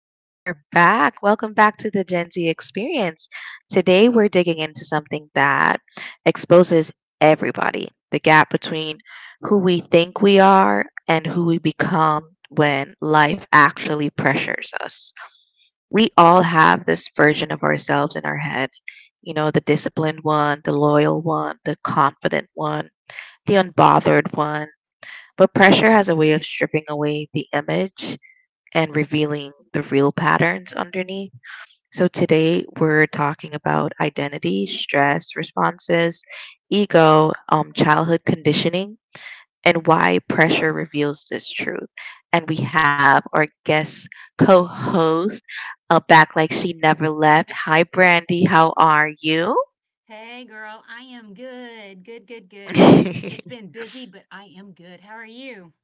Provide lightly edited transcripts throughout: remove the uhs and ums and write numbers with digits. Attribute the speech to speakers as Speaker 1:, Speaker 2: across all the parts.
Speaker 1: We are back. Welcome back to the Gen Z experience. Today, we're digging into something that exposes everybody the gap between who we think we are and who we become when life actually pressures us. We all have this version of ourselves in our head, the disciplined one, the loyal one, the confident one, the unbothered one. But pressure has a way of stripping away the image and revealing the real patterns underneath. So, today we're talking about identity, stress responses, ego, childhood conditioning, and why pressure reveals this truth. And we have our guest co host back like she never left. Hi, Brandy. How are you?
Speaker 2: Hey girl, I am good. Good, good, good. It's been busy, but I am good. How are you?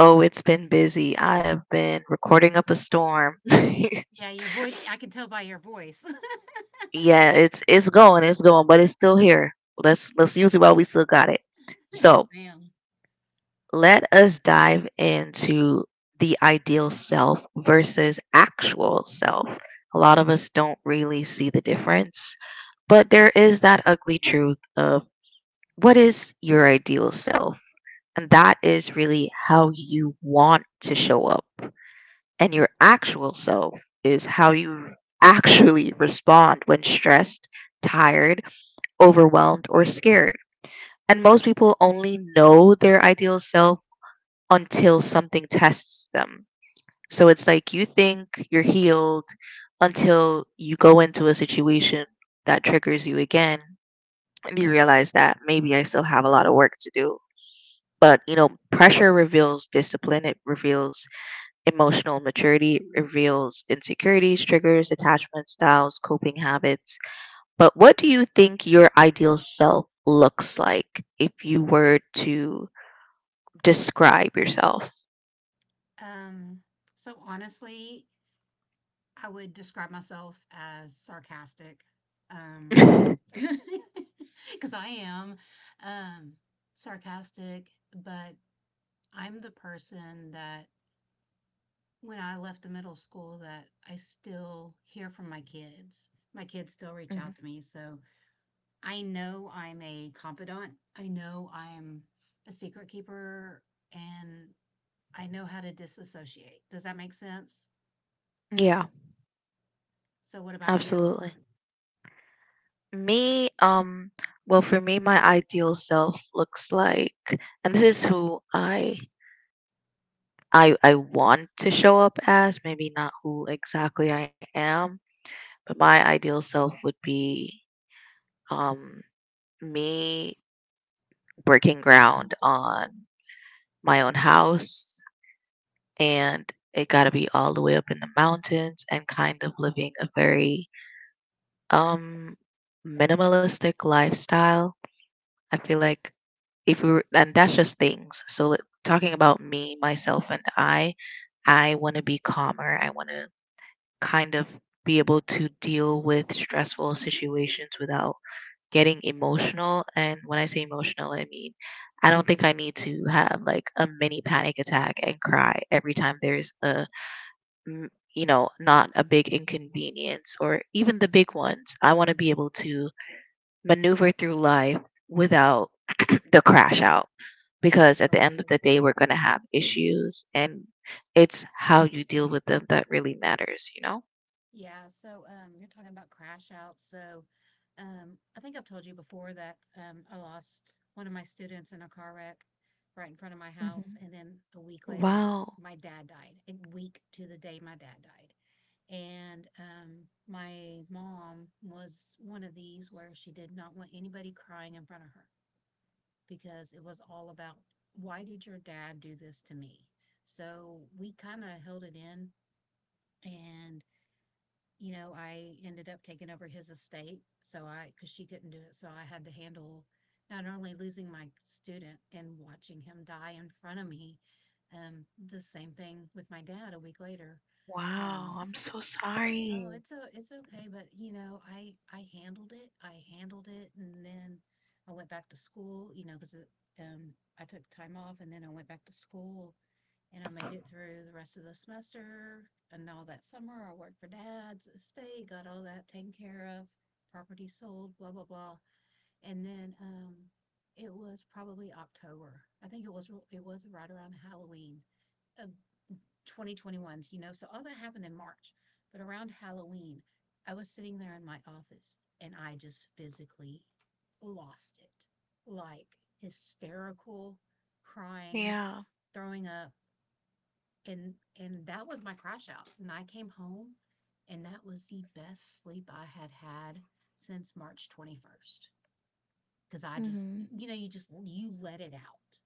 Speaker 1: Oh, it's been busy. I have been recording up a storm.
Speaker 2: Yeah, your voice, I can tell by your voice.
Speaker 1: Yeah, it's going, it's going, but it's still here. Let's use it while we still got it.
Speaker 2: Yes,
Speaker 1: So
Speaker 2: ma'am.
Speaker 1: let us dive into the ideal self versus actual self. A lot of us don't really see the difference, but there is that ugly truth of what is your ideal self? And that is really how you want to show up. And your actual self is how you actually respond when stressed, tired, overwhelmed, or scared. And most people only know their ideal self until something tests them. So it's like you think you're healed until you go into a situation that triggers you again and you realize that maybe I still have a lot of work to do. But, you know, pressure reveals discipline, it reveals emotional maturity, it reveals insecurities, triggers, attachment styles, coping habits. But what do you think your ideal self looks like if you were to describe yourself?
Speaker 2: Um, so honestly, I would describe myself as sarcastic. Um, because I am um sarcastic, but I'm the person that when I left the middle school that I still hear from my kids. My kids still reach
Speaker 1: Mhm.
Speaker 2: out to me, so I know I'm a confidant. I know I'm a secret keeper and I know how to disassociate. Does that make sense?
Speaker 1: Yeah,
Speaker 2: So what about you?
Speaker 1: absolutely. Me, well, for me, my ideal self looks like, and this is who I want to show up as. Maybe not who exactly I am, but my ideal self would be um me breaking ground on my own house, and it got to be all the way up in the mountains and kind of living a very um minimalistic lifestyle. I feel like if we were, and that's just things. So like, talking about me, myself, and I want to be calmer. I want to kind of be able to deal with stressful situations without getting emotional. And when I say emotional, I mean I don't think I need to have like a mini panic attack and cry every time there's a not a big inconvenience or even the big ones. I want to be able to maneuver through life without the crash out because at the end of
Speaker 2: Absolutely.
Speaker 1: the day, we're going to have issues and it's how you deal with them that really matters, you know?
Speaker 2: Yeah. So you're talking about crash out. So I think I've told you before that I lost one of my students in a car wreck right in front of my house.
Speaker 1: Hmm.
Speaker 2: And then a week later,
Speaker 1: Wow.
Speaker 2: my dad died, a week to the day my dad died. And My mom was one of these where she did not want anybody crying in front of her because it was all about why did your dad do this to me? So we kind of held it in. And, you know, I ended up taking over his estate. So I, because she couldn't do it. So I had to handle not only losing my student and watching him die in front of me, um, the same thing with my dad a week later. Um,
Speaker 1: Wow. I'm so
Speaker 2: Oh,
Speaker 1: sorry.
Speaker 2: it's okay, but you know, I handled it. I handled it, and then I went back to school. You know, because um, I took time off, and then I went back to school, and I made it through the rest of the semester and all that summer. I worked for Dad's estate, got all that taken care of, property sold, blah blah blah, and then it was probably October. I think it was right around Halloween. Uh, 2021s, you know. So all that happened in March. But around Halloween, I was sitting there in my office and I just physically lost it, like hysterical, crying,
Speaker 1: Yeah.
Speaker 2: throwing up. And that was my crash out. And I came home and that was the best sleep I had had since March 21st, because I just,
Speaker 1: Hmm.
Speaker 2: you know, you just, you let it out.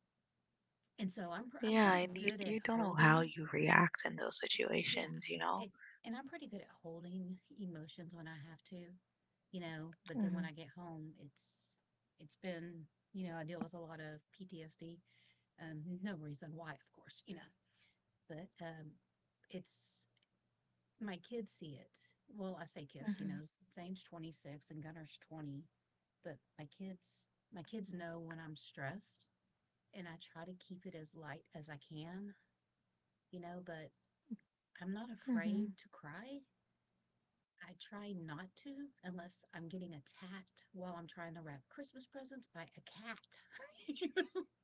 Speaker 2: And so I'm
Speaker 1: Yeah.
Speaker 2: pretty
Speaker 1: And you,
Speaker 2: good at
Speaker 1: you don't know how
Speaker 2: holding.
Speaker 1: you react in those
Speaker 2: Yeah.
Speaker 1: situations, you
Speaker 2: And
Speaker 1: know?
Speaker 2: and I'm pretty good at holding emotions when I have to, you know, but then when I
Speaker 1: Hmm.
Speaker 2: get home, it's been, you know, I deal with a lot of PTSD. No reason why, of course, you know, but it's my kids see it. Well, I say kids, you know,
Speaker 1: Mm-hmm.
Speaker 2: Zane's 26 and Gunner's 20, but my kids know when I'm stressed and I try to keep it as light as I can, you know, but I'm not
Speaker 1: Mm-hmm.
Speaker 2: afraid to cry. I try not to, unless I'm getting attacked while I'm trying to wrap Christmas presents by a cat.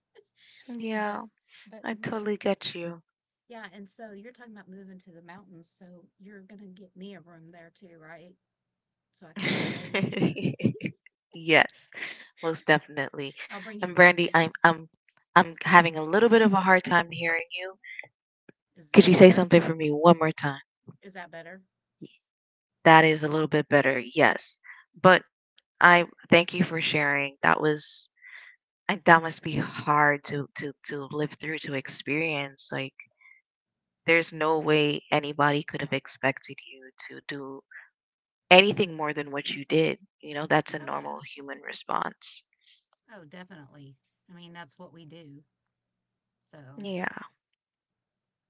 Speaker 2: but
Speaker 1: Yeah.
Speaker 2: but
Speaker 1: I
Speaker 2: no.
Speaker 1: totally get you.
Speaker 2: Yeah, and so you're talking about moving to the mountains, so you're gonna get me a room there too, right? So I can come stay with you.
Speaker 1: Yes, most definitely.
Speaker 2: I'll bring you
Speaker 1: And Brandy,
Speaker 2: groceries.
Speaker 1: I'm having a little bit of a hard time hearing you.
Speaker 2: Is
Speaker 1: Could
Speaker 2: that
Speaker 1: you say
Speaker 2: better?
Speaker 1: something for me one more time?
Speaker 2: Is that better?
Speaker 1: That is a little bit better. Yes. But I thank you for sharing. That was that must be hard to live through to experience. Like there's no way anybody could have expected you to do anything more than what you did. You know, that's a
Speaker 2: Oh yeah.
Speaker 1: normal human response.
Speaker 2: Oh, definitely. I mean, that's what we do. So
Speaker 1: Yeah.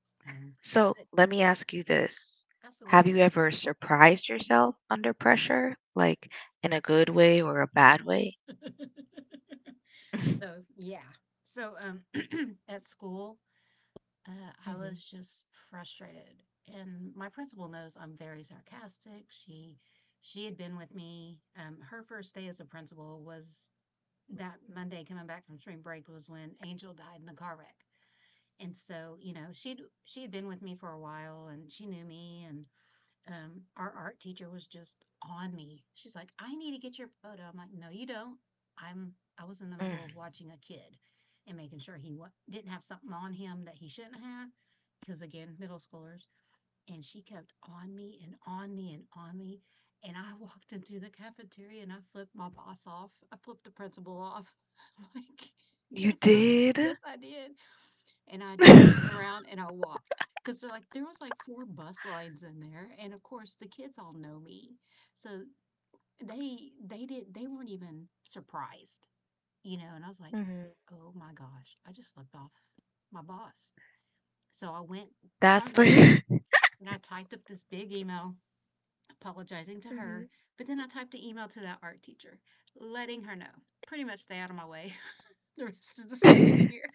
Speaker 2: so
Speaker 1: So
Speaker 2: but
Speaker 1: let me ask you this. Have you
Speaker 2: absolutely.
Speaker 1: ever surprised yourself under pressure, like in a good way or a bad way?
Speaker 2: So yeah. So at school, Uh, I
Speaker 1: Mm-hmm.
Speaker 2: was just frustrated. And my principal knows I'm very sarcastic. She had been with me. Her first day as a principal was that Monday coming back from spring break was when Angel died in the car wreck. And so, you know, she had been with me for a while and she knew me and our art teacher was just on me. She's like, I need to get your photo. I'm like, no, you don't. I'm, I was in the
Speaker 1: Mm.
Speaker 2: middle of watching a kid and making sure he wa didn't have something on him that he shouldn't have. Because again, middle schoolers. And she kept on me and on me and on me. And I walked into the cafeteria and I flipped my boss off. I flipped the principal off. Like,
Speaker 1: You
Speaker 2: get her.
Speaker 1: did?
Speaker 2: Yes, I did, and I just turned around and I walked, because they're like there was like four bus lines in there, and of course the kids all know me, so they weren't even surprised, you know. And I was like,
Speaker 1: Mm-hmm.
Speaker 2: oh my gosh, I just flipped off my boss. So I went to my
Speaker 1: That's
Speaker 2: room
Speaker 1: the.
Speaker 2: and I typed up this big email apologizing to her, but then I typed an email to that art teacher letting her know pretty much stay out of my way the rest of the school
Speaker 1: Mm-hmm.
Speaker 2: year.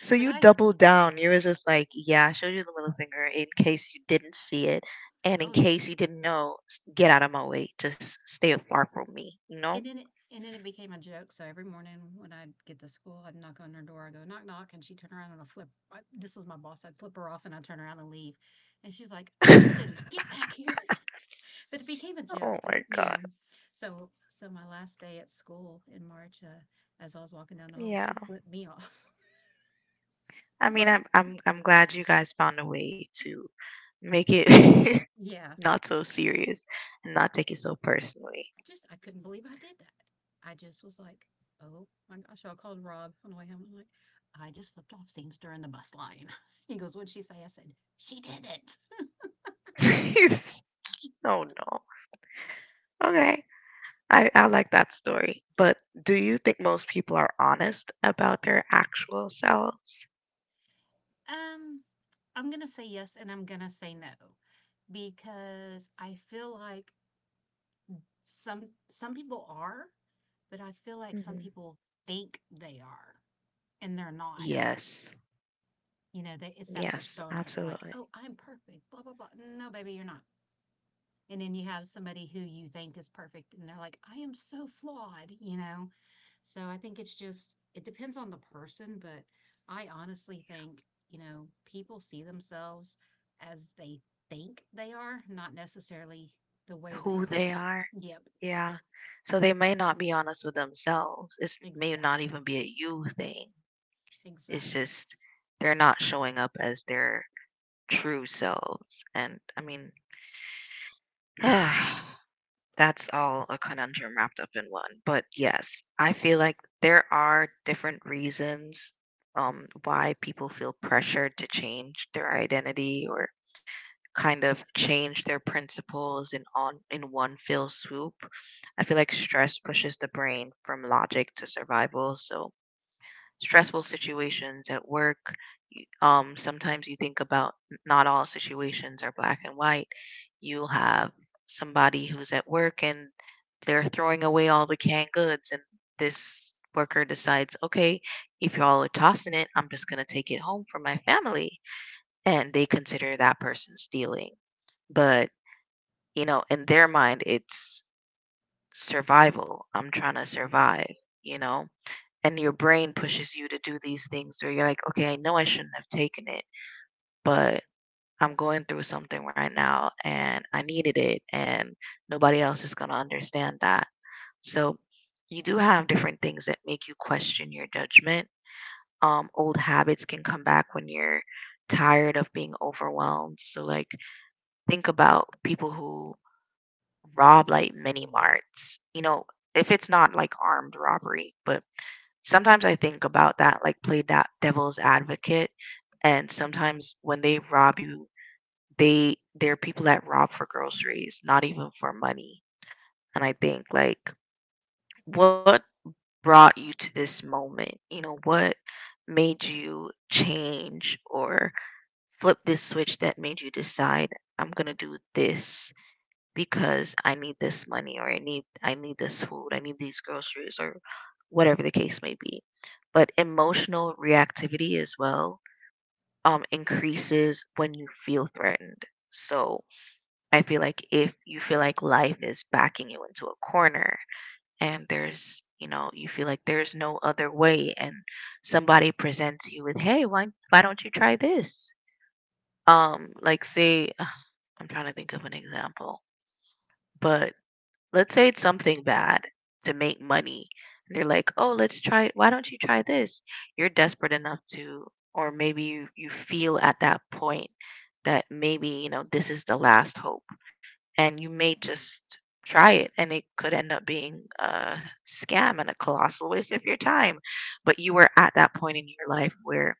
Speaker 1: So
Speaker 2: But
Speaker 1: you
Speaker 2: I,
Speaker 1: doubled down. You were just like, yeah, I showed you the little finger in case you didn't see it. And in
Speaker 2: oh,
Speaker 1: case you didn't know, get out of my way. Just stay far from me, you know?
Speaker 2: and then it became a joke. So every morning when I'd get to school, I'd knock on her door. I go knock knock, and she'd turn around and I flip. I, this was my boss. I'd flip her off, and I'd turn around and leave. And she's like,
Speaker 1: Oh
Speaker 2: "Harrison, get back here!" But it became a joke,
Speaker 1: my
Speaker 2: you
Speaker 1: God.
Speaker 2: know. So so my last day at school in March, as I was walking down the hall,
Speaker 1: Yeah.
Speaker 2: she flipped me off. I
Speaker 1: I
Speaker 2: was
Speaker 1: mean,
Speaker 2: like,
Speaker 1: I'm glad you guys found a way to make it
Speaker 2: "Yeah,
Speaker 1: not so serious and not take it so personally.
Speaker 2: I just I couldn't believe I did that. I just was like, oh my gosh, I called Rob on the way home. I'm like, I just flipped off Seamster in the bus line. He goes, what'd she say? I said, she did it.
Speaker 1: Oh no. Okay. I like that story. But do you think most people are honest about their actual selves?
Speaker 2: Um, I'm gonna say yes and I'm gonna say no because I feel like some some people are, but I feel like some
Speaker 1: Hmm.
Speaker 2: people think they are and they're not.
Speaker 1: Yes.
Speaker 2: You know, they, it's that
Speaker 1: Yes,
Speaker 2: persona. They're like,
Speaker 1: absolutely.
Speaker 2: oh, I'm perfect, blah blah blah. No, baby, you're not, and then you have somebody who you think is perfect and they're like, I am so flawed, you know. So I think it's just it depends on the person, but I honestly think, you know, people see themselves as they think they are, not necessarily the way they
Speaker 1: Who
Speaker 2: are.
Speaker 1: they are.
Speaker 2: Yep.
Speaker 1: Yeah. So they may not be honest with themselves. It may not
Speaker 2: Exactly,
Speaker 1: even be a you thing. It's
Speaker 2: exactly.
Speaker 1: just they're not showing up as their true selves. And I mean, that's all a conundrum wrapped up in one. But yes, I feel like there are different reasons why people feel pressured to change their identity or kind of change their principles in one fell swoop. I feel like stress pushes the brain from logic to survival. So stressful situations at work, sometimes you think about not all situations are black and white. You'll have somebody who's at work and they're throwing away all the canned goods, and this worker decides, okay, if y'all are tossing it, I'm just gonna take it home for my family, and they consider that person stealing, but you know in their mind it's survival. I'm trying to survive, you know and your brain pushes you to do these things where you're like, okay, I know I shouldn't have taken it, but I'm going through something right now and I needed it and nobody else is going to understand that. So you do have different things that make you question your judgment. Old habits can come back when you're tired of being overwhelmed. So like think about people who rob like mini marts, you know, if it's not like armed robbery. But sometimes I think about that, like play that devil's advocate. And sometimes when they rob you, they there are people that rob for groceries, not even for money. And I think like what brought you to this moment? You know, what made you change or flip this switch that made you decide I'm gonna do this because I need this money or I need this food, I need these groceries or whatever the case may be. But emotional reactivity as well increases when you feel threatened. So I feel like if you feel like life is backing you into a corner and there's you know you feel like there's no other way and somebody presents you with hey, why don't you try this, like say I'm trying to think of an example but let's say it's something bad to make money. And you're like, oh, let's try, why don't you try this? You're desperate enough to, or maybe you, you feel at that point that maybe, you know, this is the last hope. And you may just try it and it could end up being a scam and a colossal waste of your time. But you were at that point in your life where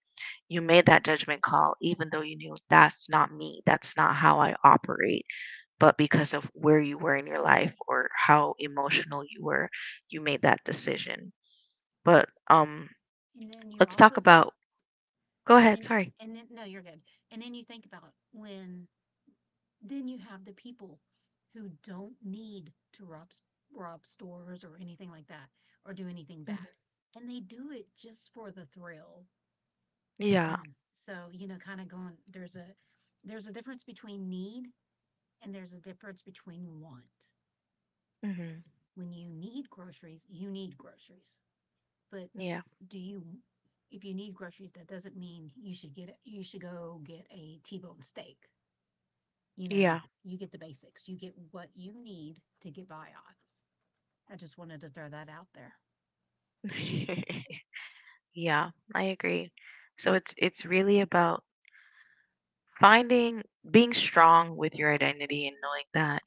Speaker 1: you made that judgment call, even though you knew that's not me, that's not how I operate, but because of where you were in your life or how emotional you were, you made that decision. But
Speaker 2: And then you
Speaker 1: let's
Speaker 2: also,
Speaker 1: talk about. Go
Speaker 2: and
Speaker 1: ahead.
Speaker 2: then,
Speaker 1: Sorry.
Speaker 2: no you're good. And then you think about when, then you have the people who don't need to rob, rob stores or anything like that or do anything
Speaker 1: Hmm.
Speaker 2: bad. And they do it just for the thrill.
Speaker 1: Yeah.
Speaker 2: And so, you know, kind of going, there's a difference between need and there's a difference between want.
Speaker 1: Hmm.
Speaker 2: When you need groceries, you need groceries. But
Speaker 1: Yeah.
Speaker 2: do you, if you need groceries, that doesn't mean you should go get a T-bone steak. You
Speaker 1: Yeah.
Speaker 2: know, you get the basics. You get what you need to get by on. I just wanted to throw that out there.
Speaker 1: Yeah. I agree. So it's really about finding being strong with your identity and knowing that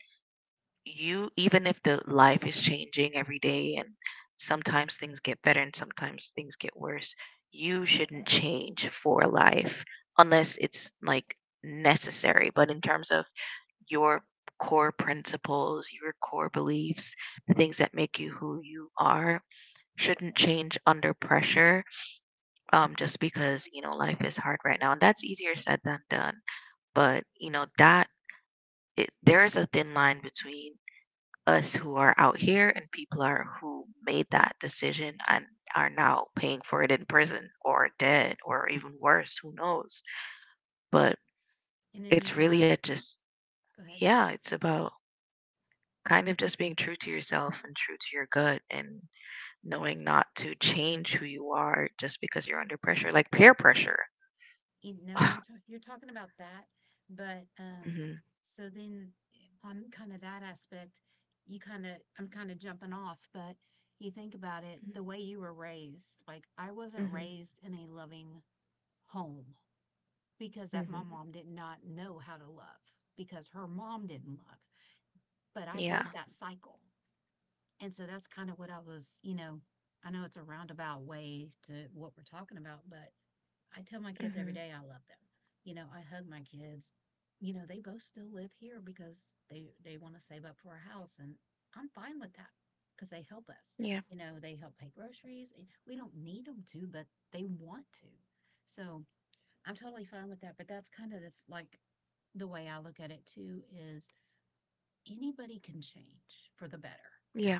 Speaker 1: you even if the life is changing every day and sometimes things get better and sometimes things get worse, you shouldn't change for life unless it's like necessary, but in terms of your core principles, your core beliefs, the things that make you who you are shouldn't change under pressure, just because you know life is hard right now, and that's easier said than done. But you know that it, there is a thin line between us who are out here and people are who made that decision and are now paying for it in prison or dead or even worse who knows. But
Speaker 2: And then you
Speaker 1: it's really
Speaker 2: have,
Speaker 1: a just
Speaker 2: go ahead.
Speaker 1: yeah it's about kind of just being true to yourself and true to your gut and knowing not to change who you are just because you're under pressure like peer pressure.
Speaker 2: You know, and you're talking about that, but
Speaker 1: Hmm.
Speaker 2: so then on kind of that aspect, you kind of, I'm kind of jumping off, but you think about it, the way you were raised, like I wasn't
Speaker 1: Hmm.
Speaker 2: raised in a loving home because that my
Speaker 1: Hmm.
Speaker 2: mom did not know how to love because her mom didn't love. But I
Speaker 1: Yeah.
Speaker 2: broke that cycle. And so that's kind of what I was, you know, I know it's a roundabout way to what we're talking about, but I tell my kids every
Speaker 1: Hmm.
Speaker 2: day I love them. You know, I hug my kids. You know, they both still live here because they want to save up for a house, and I'm fine with that because they help us.
Speaker 1: Yeah.
Speaker 2: You know, they help pay groceries. We don't need them to, but they want to. So I'm totally fine with that. But that's kind of the, like the way I look at it too is anybody can change for the better.
Speaker 1: Yeah.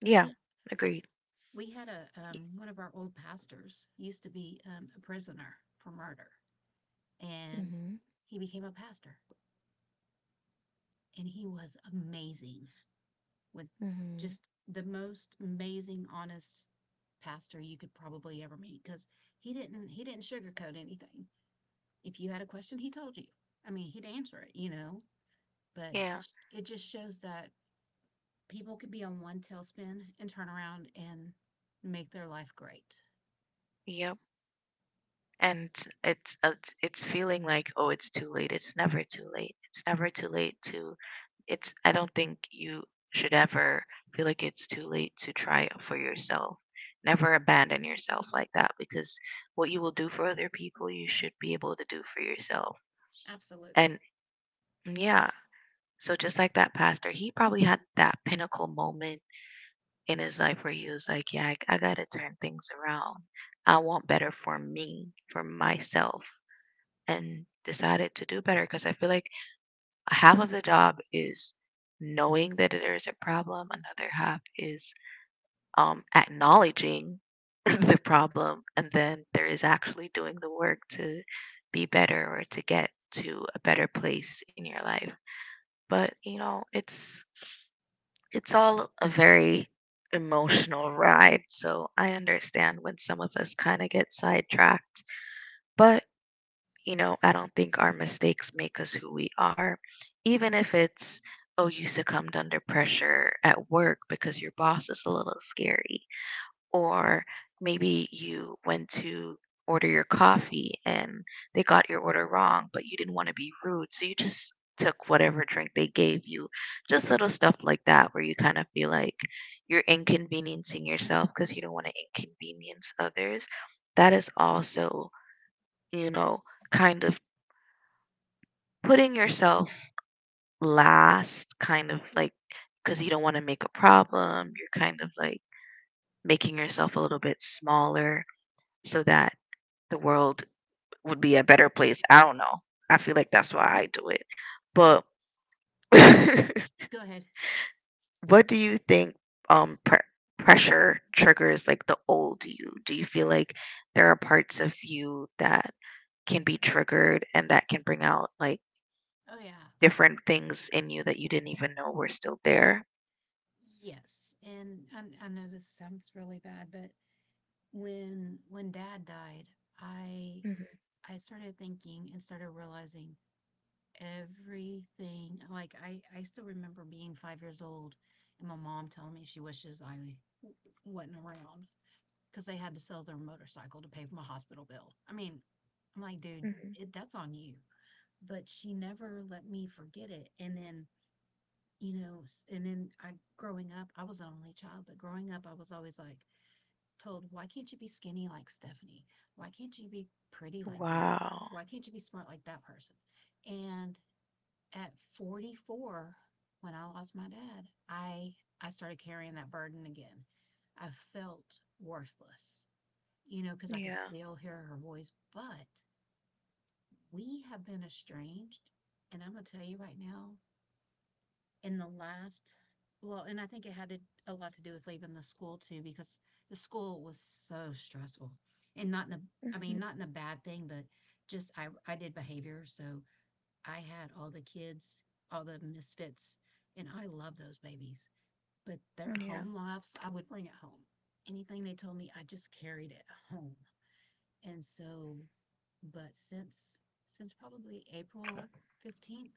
Speaker 1: Yeah. Agreed.
Speaker 2: We had a one of our old pastors used to be a prisoner for murder, and
Speaker 1: Hmm.
Speaker 2: he became a pastor. And he was amazing with
Speaker 1: Hmm.
Speaker 2: just the most amazing, honest pastor you could probably ever meet, because he didn't sugarcoat anything. If you had a question, he told you. I mean, he'd answer it, you know. But
Speaker 1: Yeah.
Speaker 2: it just shows that people can be on one tailspin and turn around and make their life great.
Speaker 1: Yep. And it's feeling like, oh, it's too late, it's never too late, it's never too late to it's I don't think you should ever feel like it's too late to try for yourself. Never abandon yourself like that because what you will do for other people you should be able to do for yourself. And
Speaker 2: Absolutely.
Speaker 1: mm, yeah, so just like that pastor he probably had that pinnacle moment in his life where he was like yeah I gotta turn things around. I want better for me for myself and decided to do better because I feel like half of the job is knowing that there's a problem, another half is acknowledging the problem, and then there is actually doing the work to be better or to get to a better place in your life. But it's all a very emotional ride, so I understand when some of us kind of get sidetracked. But you know, I don't think our mistakes make us who we are. Even if it's, oh, you succumbed under pressure at work because your boss is a little scary, or maybe you went to order your coffee and they got your order wrong, but you didn't want to be rude. So you just took whatever drink they gave you. Just little stuff like that where you kind of feel like you're inconveniencing yourself because you don't want to inconvenience others. That is also, you know, kind of putting yourself last, kind of like, because you don't want to make a problem, you're kind of like making yourself a little bit smaller so that the world would be a better place. I don't know, I feel like that's why I do it.
Speaker 2: So
Speaker 1: But
Speaker 2: go ahead.
Speaker 1: what do you think? um pre- Pressure triggers like the old you. Do you feel like there are parts of you that can be triggered and that can bring out like
Speaker 2: Oh yeah.
Speaker 1: different things in you that you didn't even know were still there?
Speaker 2: Yes. And I know this sounds really bad, but when dad died, I I started thinking and started realizing everything. Like I still remember being 5 years old and my mom telling me she wishes I wasn't around because they had to sell their motorcycle to pay for my hospital bill. I mean, I'm like, dude,
Speaker 1: Mhm.
Speaker 2: it, that's on you. But she never let me forget it. And then, you know, s- and then I growing up, I was an only child, but growing up, I was always like, told, why can't you be skinny like Stephanie? Why can't you be pretty like Gibbon?
Speaker 1: Wow.
Speaker 2: Why can't you be smart like that person? And at 44, when I lost my dad, I I started carrying that burden again. I felt worthless, you know, because I could
Speaker 1: Yeah.
Speaker 2: still hear her voice, but we have been estranged. And I'm going to tell you right now, in the last, well, and I think it had a lot to do with leaving the school too, because the school was so stressful and not in a, i
Speaker 1: Hmm.
Speaker 2: mean not in a bad thing, but just I did behavior, so I had all the kids, all the misfits, and I love those babies, but their
Speaker 1: Yeah.
Speaker 2: home lives, I would bring it home. Anything they told me, I just carried it home. And so, but since probably April 15th,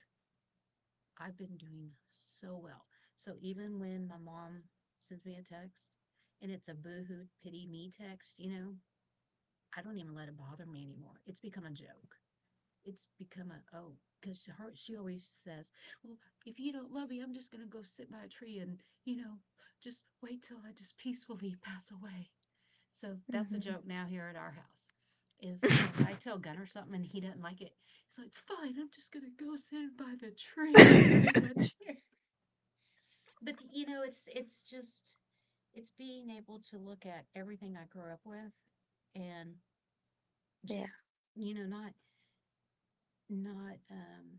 Speaker 2: I've been doing so well. So even when my mom sends me a text and it's a boohoo pity me text, you know, I don't even let it bother me anymore. It's become a joke. It's become a, oh, because her, she always says, "Well, if you don't love me, I'm just gonna go sit by a tree and, you know, just wait till I just peacefully pass away." So that's a
Speaker 1: Hmm.
Speaker 2: joke now here at our house. If if I tell Gunner something and he doesn't like it, he's like, "Fine, I'm just gonna go sit by the tree and take my chair." But you know, it's just, it's being able to look at everything I grew up with, and
Speaker 1: Yeah.
Speaker 2: just, you know, not, not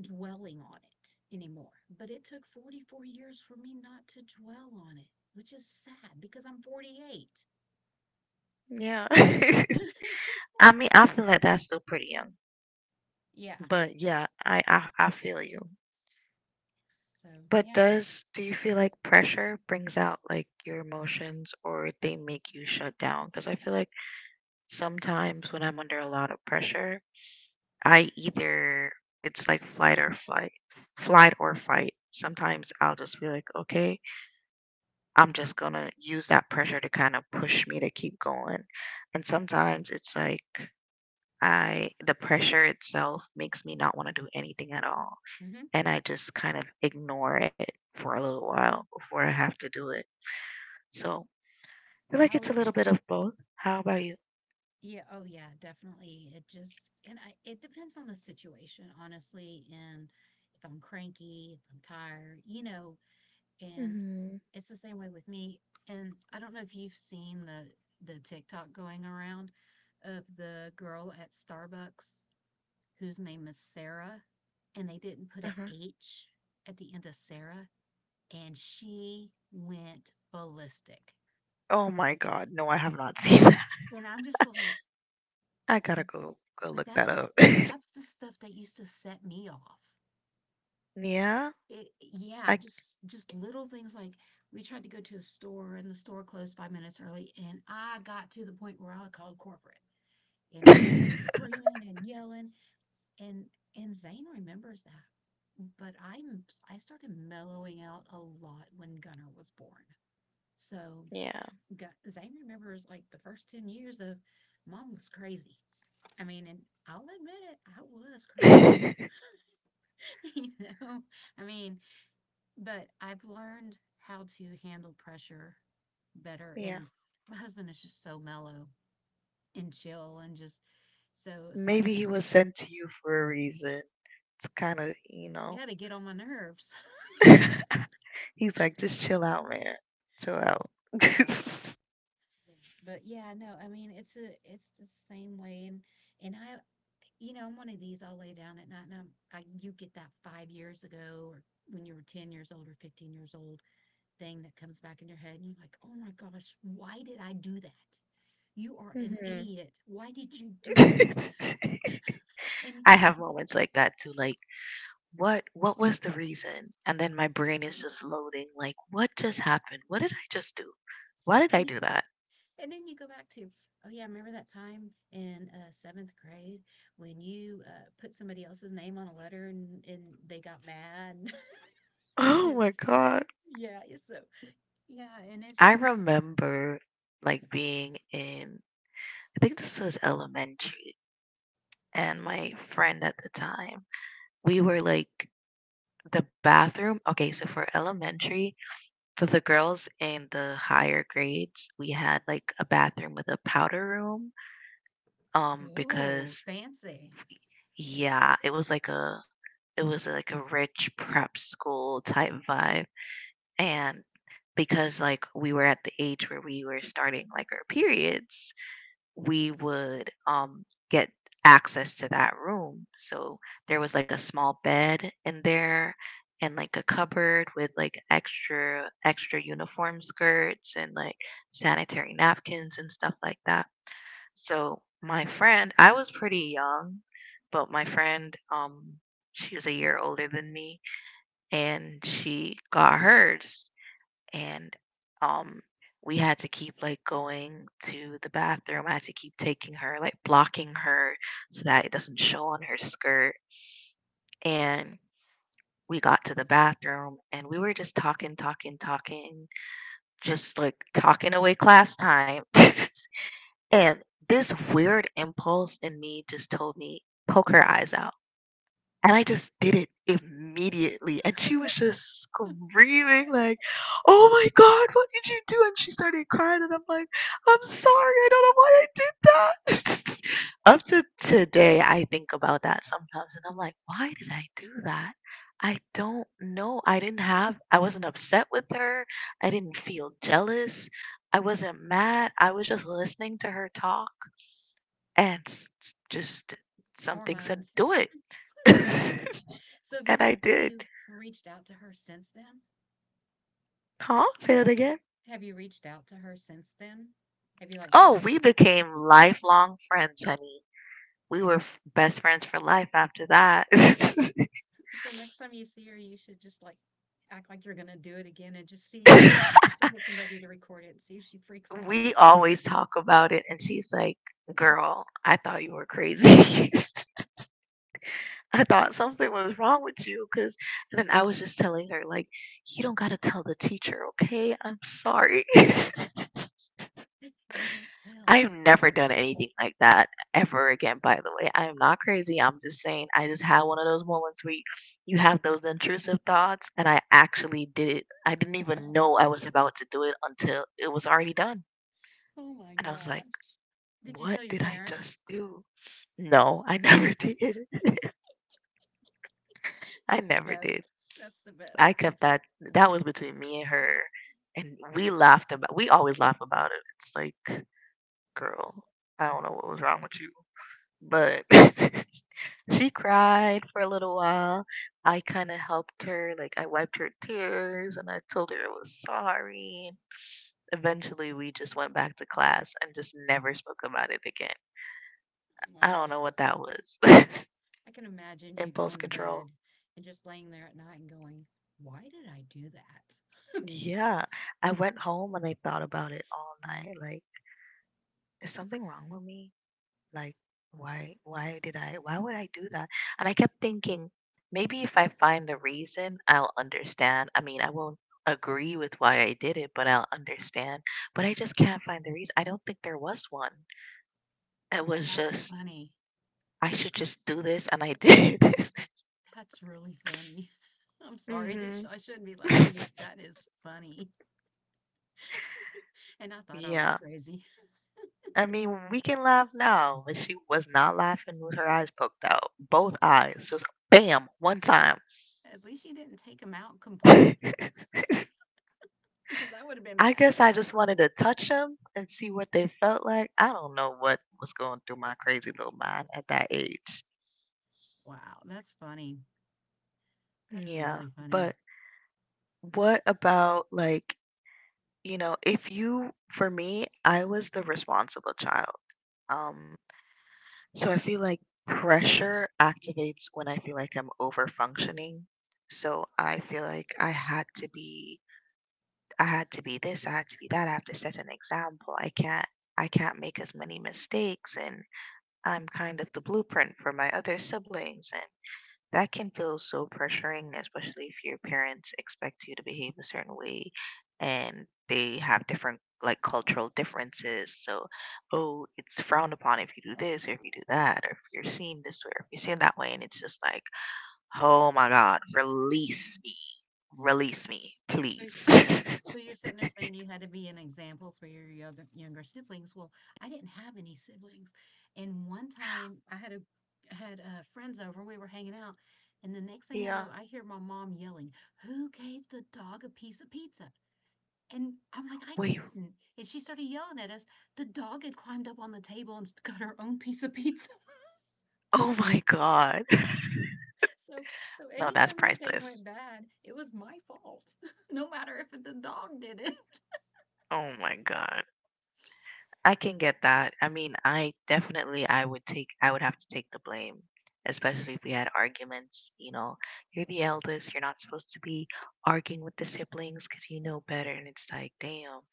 Speaker 2: dwelling on it anymore. But it took 44 years for me not to dwell on it, which is sad because I'm 48.
Speaker 1: Yeah. I mean, I feel like that's still pretty young,
Speaker 2: Yeah,
Speaker 1: but yeah, I feel you.
Speaker 2: so
Speaker 1: But
Speaker 2: yeah.
Speaker 1: does do you feel like pressure brings out like your emotions, or they make you shut down? Because I feel like sometimes when I'm under a lot of pressure, I either, it's like flight or fight, flight or fight. Sometimes I'll just be like, okay, I'm just gonna use that pressure to kind of push me to keep going. And sometimes it's like I the pressure itself makes me not want to do anything at all.
Speaker 2: Hmm.
Speaker 1: And I just kind of ignore it for a little while before I have to do it. So I feel
Speaker 2: I
Speaker 1: like it's a
Speaker 2: always,
Speaker 1: little bit of both. How
Speaker 2: yeah,
Speaker 1: about you?
Speaker 2: yeah, oh yeah, definitely. It just, and I, it depends on the situation honestly. And if I'm cranky, if I'm tired, you know, and
Speaker 1: Hmm.
Speaker 2: it's the same way with me. And I don't know if you've seen the TikTok going around of the girl at Starbucks whose name is Sarah, and they didn't put an
Speaker 1: Mhm.
Speaker 2: H at the end of Sarah, and she went ballistic.
Speaker 1: Oh my God, no, I have not seen that.
Speaker 2: And I'm just like,
Speaker 1: I gotta go
Speaker 2: but
Speaker 1: look that up.
Speaker 2: that's the stuff that used to set me off.
Speaker 1: Yeah,
Speaker 2: It, yeah,
Speaker 1: I.
Speaker 2: just little things like, we tried to go to a store and the store closed 5 minutes early, and I got to the point where I called corporate and I was screaming and yelling, and and Zane remembers that. But I'm, I started mellowing out a lot when Gunner was born. So
Speaker 1: Yeah.
Speaker 2: Gu- Zane remembers like the first 10 years of, mom was crazy. I mean, and I'll admit it, I was crazy. You know, I mean, but I've learned how to handle pressure better. And
Speaker 1: Yeah.
Speaker 2: my husband is just so mellow and chill and just, so it's like,
Speaker 1: Maybe he was sent to you for a reason. It's kind of, you
Speaker 2: you
Speaker 1: know.
Speaker 2: had to get on my nerves.
Speaker 1: He's like, just chill out, man. Chill out.
Speaker 2: Yes, but yeah, no, I mean it's a, it's the same way, and I, you know, I'm one of these, I'll lay down at night and I'm, I, you get that 5 years ago or when you were 10 years old or 15 years old thing that comes back in your head, and you're like, oh my gosh, why did I do that, you are an
Speaker 1: Hmm.
Speaker 2: idiot, why did you do that? And
Speaker 1: I have moments like that too. Like, what? What was the reason? And then my brain is just loading. Like, what just happened? What did I just do? Why did
Speaker 2: And
Speaker 1: I
Speaker 2: then,
Speaker 1: do that?
Speaker 2: and then you go back to, oh yeah, remember that time in seventh grade when you put somebody else's name on a letter, and they got mad? You
Speaker 1: Oh
Speaker 2: know,
Speaker 1: my God!
Speaker 2: yeah. it's So yeah, and it's
Speaker 1: I
Speaker 2: just,
Speaker 1: remember like being in, I think this was elementary, and my friend at the time, we were like the bathroom. Okay, so for elementary, for the girls in the higher grades, we had like a bathroom with a powder room. Um,
Speaker 2: oh
Speaker 1: because
Speaker 2: fancy
Speaker 1: yeah, it was like a, it was like a rich prep school type vibe. And because like we were at the age where we were starting like our periods, we would get access to that room. So there was like a small bed in there and like a cupboard with like extra uniform skirts and like sanitary napkins and stuff like that. So my friend, I was pretty young, but my friend she was a year older than me and she got hers and um we had to keep like going to the bathroom. I had to keep taking her, like blocking her so that it doesn't show on her skirt. And we got to the bathroom and we were just talking, just like talking away class time. And this weird impulse in me just told me, poke her eyes out. And I just did it immediately. And she was just screaming, like, oh my God, what did you do? And she started crying. And I'm like, I'm sorry. I don't know why I did that. Up to today, I think about that sometimes. And I'm like, why did I do that? I don't know. I didn't have, I wasn't upset with her. I didn't feel jealous. I wasn't mad. I was just listening to her talk and just something said,
Speaker 2: hormones.
Speaker 1: do it. And
Speaker 2: So have you,
Speaker 1: I
Speaker 2: have
Speaker 1: did.
Speaker 2: you reached out to her since then?
Speaker 1: Huh? Say that
Speaker 2: Have-
Speaker 1: again.
Speaker 2: Have you reached out to her since then? Have you like tried
Speaker 1: Oh,
Speaker 2: to?
Speaker 1: we became lifelong friends, honey. We were f- Best friends for life after that.
Speaker 2: So next time you see her, you should just like act like you're gonna do it again and just see you. You should get somebody to record it and see if she freaks out.
Speaker 1: We always talk about it, and she's like, girl, I thought you were crazy. I thought something was wrong with you, because then I was just telling her, like, you don't got to tell the teacher, okay? I'm sorry.
Speaker 2: You don't tell.
Speaker 1: I've never done anything like that ever again, by the way. I am not crazy. I'm just saying I just had one of those moments where you have those intrusive thoughts, and I actually did it. I didn't even know I was about to do it until it was already done.
Speaker 2: Oh my
Speaker 1: And I was like,
Speaker 2: gosh. Did you
Speaker 1: what
Speaker 2: tell your
Speaker 1: did I
Speaker 2: parents?
Speaker 1: just do? No, I never did. I
Speaker 2: That's the
Speaker 1: never did.
Speaker 2: best. That's the
Speaker 1: I
Speaker 2: best.
Speaker 1: kept that. That was between me and her. And we always laugh about it. It's like, girl, I don't know what was wrong with you. But she cried for a little while. I kind of helped her, like I wiped her tears and I told her I was sorry. Eventually, we just went back to class and just never spoke about it again.
Speaker 2: Oh
Speaker 1: I
Speaker 2: my
Speaker 1: don't
Speaker 2: gosh.
Speaker 1: know what that was.
Speaker 2: I can imagine you
Speaker 1: Impulse
Speaker 2: going to
Speaker 1: control.
Speaker 2: bed and just laying there at night and going, why did I do that?
Speaker 1: Yeah, I went home and I thought about it all night. Like, is something wrong with me? Like, why would I do that? And I kept thinking, maybe if I find the reason I'll understand. I mean, I won't agree with why I did it, but I'll understand. But I just can't find the reason. I don't think there was one. It was
Speaker 2: That's
Speaker 1: just,
Speaker 2: funny.
Speaker 1: I should just do this, and I did.
Speaker 2: That's really funny. I'm sorry.
Speaker 1: Hmm.
Speaker 2: I shouldn't be laughing, but that is funny. And I thought I was
Speaker 1: Yeah,
Speaker 2: crazy.
Speaker 1: I mean, we can laugh now, but she was not laughing with her eyes poked out, both eyes, just bam, one time.
Speaker 2: At least you didn't take him out completely because that would have been
Speaker 1: I guess
Speaker 2: bad.
Speaker 1: I just wanted to touch them and see what they felt like. I don't know what was going through my crazy little mind at that age.
Speaker 2: Wow. That's funny. That's
Speaker 1: Yeah,
Speaker 2: really
Speaker 1: but
Speaker 2: funny.
Speaker 1: what about like, you know, if you for me, I was the responsible child. Um, so I feel like pressure activates when I feel like I'm over functioning. So I feel like I had to be this, I had to be that, I have to set an example. I can't make as many mistakes, and I'm kind of the blueprint for my other siblings, and that can feel so pressuring, especially if your parents expect you to behave a certain way and they have different like cultural differences. So, oh, it's frowned upon if you do this or if you do that, or if you're seen this way or if you're seen that way. And it's just like, oh my God, release me. Release me,
Speaker 2: So,
Speaker 1: please.
Speaker 2: so you're sitting there saying you had to be an example for your younger, younger siblings. Well, I didn't have any siblings. And one time I had a, had friends over and we were hanging out, and the next thing I
Speaker 1: Yeah.
Speaker 2: know I hear my mom yelling, "Who gave the dog a piece of pizza?" And I'm like, "I
Speaker 1: Wait.
Speaker 2: didn't." And she started yelling at us. The dog had climbed up on the table and got her own piece of pizza.
Speaker 1: Oh my God.
Speaker 2: So, so
Speaker 1: No, that's
Speaker 2: anytime anything went
Speaker 1: priceless.
Speaker 2: bad, it was my fault. No matter if the dog did it.
Speaker 1: Oh my God. I can get that. I mean, I would take, I would have to take the blame, especially if we had arguments, you know. You're the eldest, you're not supposed to be arguing with the siblings cuz you know better, and it's like, damn.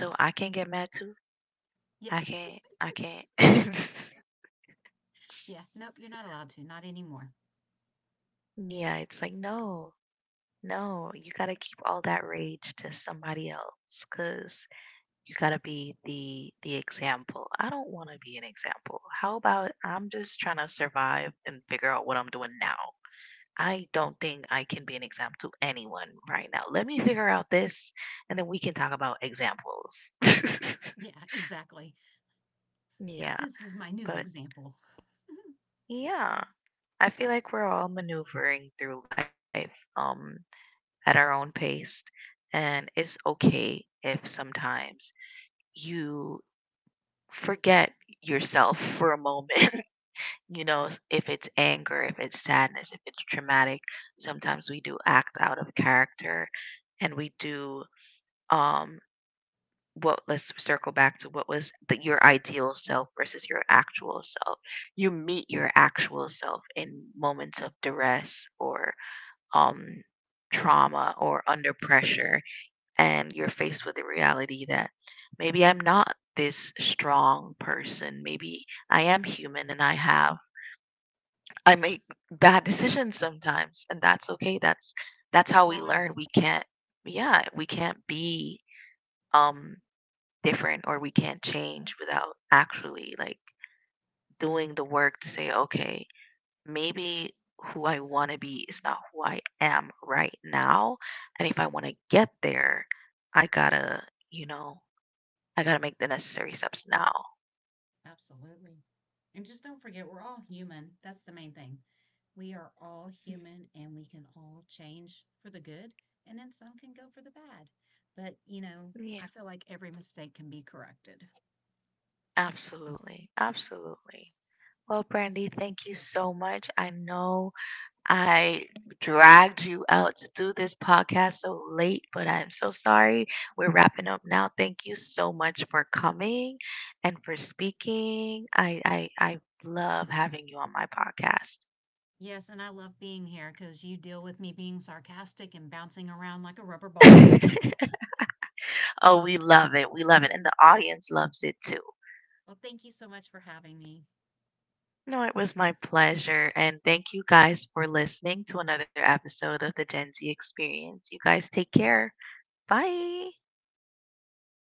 Speaker 1: So I can get mad too.
Speaker 2: Yeah,
Speaker 1: I can't.
Speaker 2: yeah, nope, you're not allowed to, not anymore.
Speaker 1: Yeah, it's like no. No, you got to keep all that rage to somebody else cuz you gotta be the example. I don't want to be an example. How about I'm just trying to survive and figure out what I'm doing now. I don't think I can be an example to anyone right now. Let me figure out this, and then we can talk about examples.
Speaker 2: Yeah, exactly. Like,
Speaker 1: Yeah,
Speaker 2: this is my new
Speaker 1: but
Speaker 2: example.
Speaker 1: yeah, I feel like we're all maneuvering through life at our own pace, and it's okay if sometimes you forget yourself for a moment. You know, if it's anger, if it's sadness, if it's traumatic, sometimes we do act out of character, and we do um what, let's circle back to what was your ideal self versus your actual self. You meet your actual self in moments of duress or um trauma or under pressure, and you're faced with the reality that maybe I'm not this strong person. Maybe I am human, and I make bad decisions sometimes, and that's okay. That's
Speaker 2: That's
Speaker 1: how we learn.
Speaker 2: live.
Speaker 1: We can't, yeah, we can't be um different, or we can't change without actually like doing the work to say, okay, maybe who I want to be is not who I am right now, and if I want to get there, I gotta, you know, I gotta make the necessary steps now.
Speaker 2: Absolutely. And just don't forget, we're all human. That's the main thing. We are all human and we can all change for the good, and then some can go for the bad. But, you know, I
Speaker 1: Yeah,
Speaker 2: feel like every mistake can be corrected.
Speaker 1: absolutely, absolutely. Well, Brandy, thank you so much. I know I dragged you out to do this podcast so late, but I'm so sorry. We're wrapping up now. Thank you so much for coming and for speaking. I love having you on my podcast.
Speaker 2: Yes, and I love being here because you deal with me being sarcastic and bouncing around like a rubber ball.
Speaker 1: Oh, we love it. We love it. And the audience loves it too.
Speaker 2: Well, thank you so much for having me.
Speaker 1: No, it was my pleasure. And thank you guys for listening to another episode of the Gen Z Experience. You guys take care. Bye.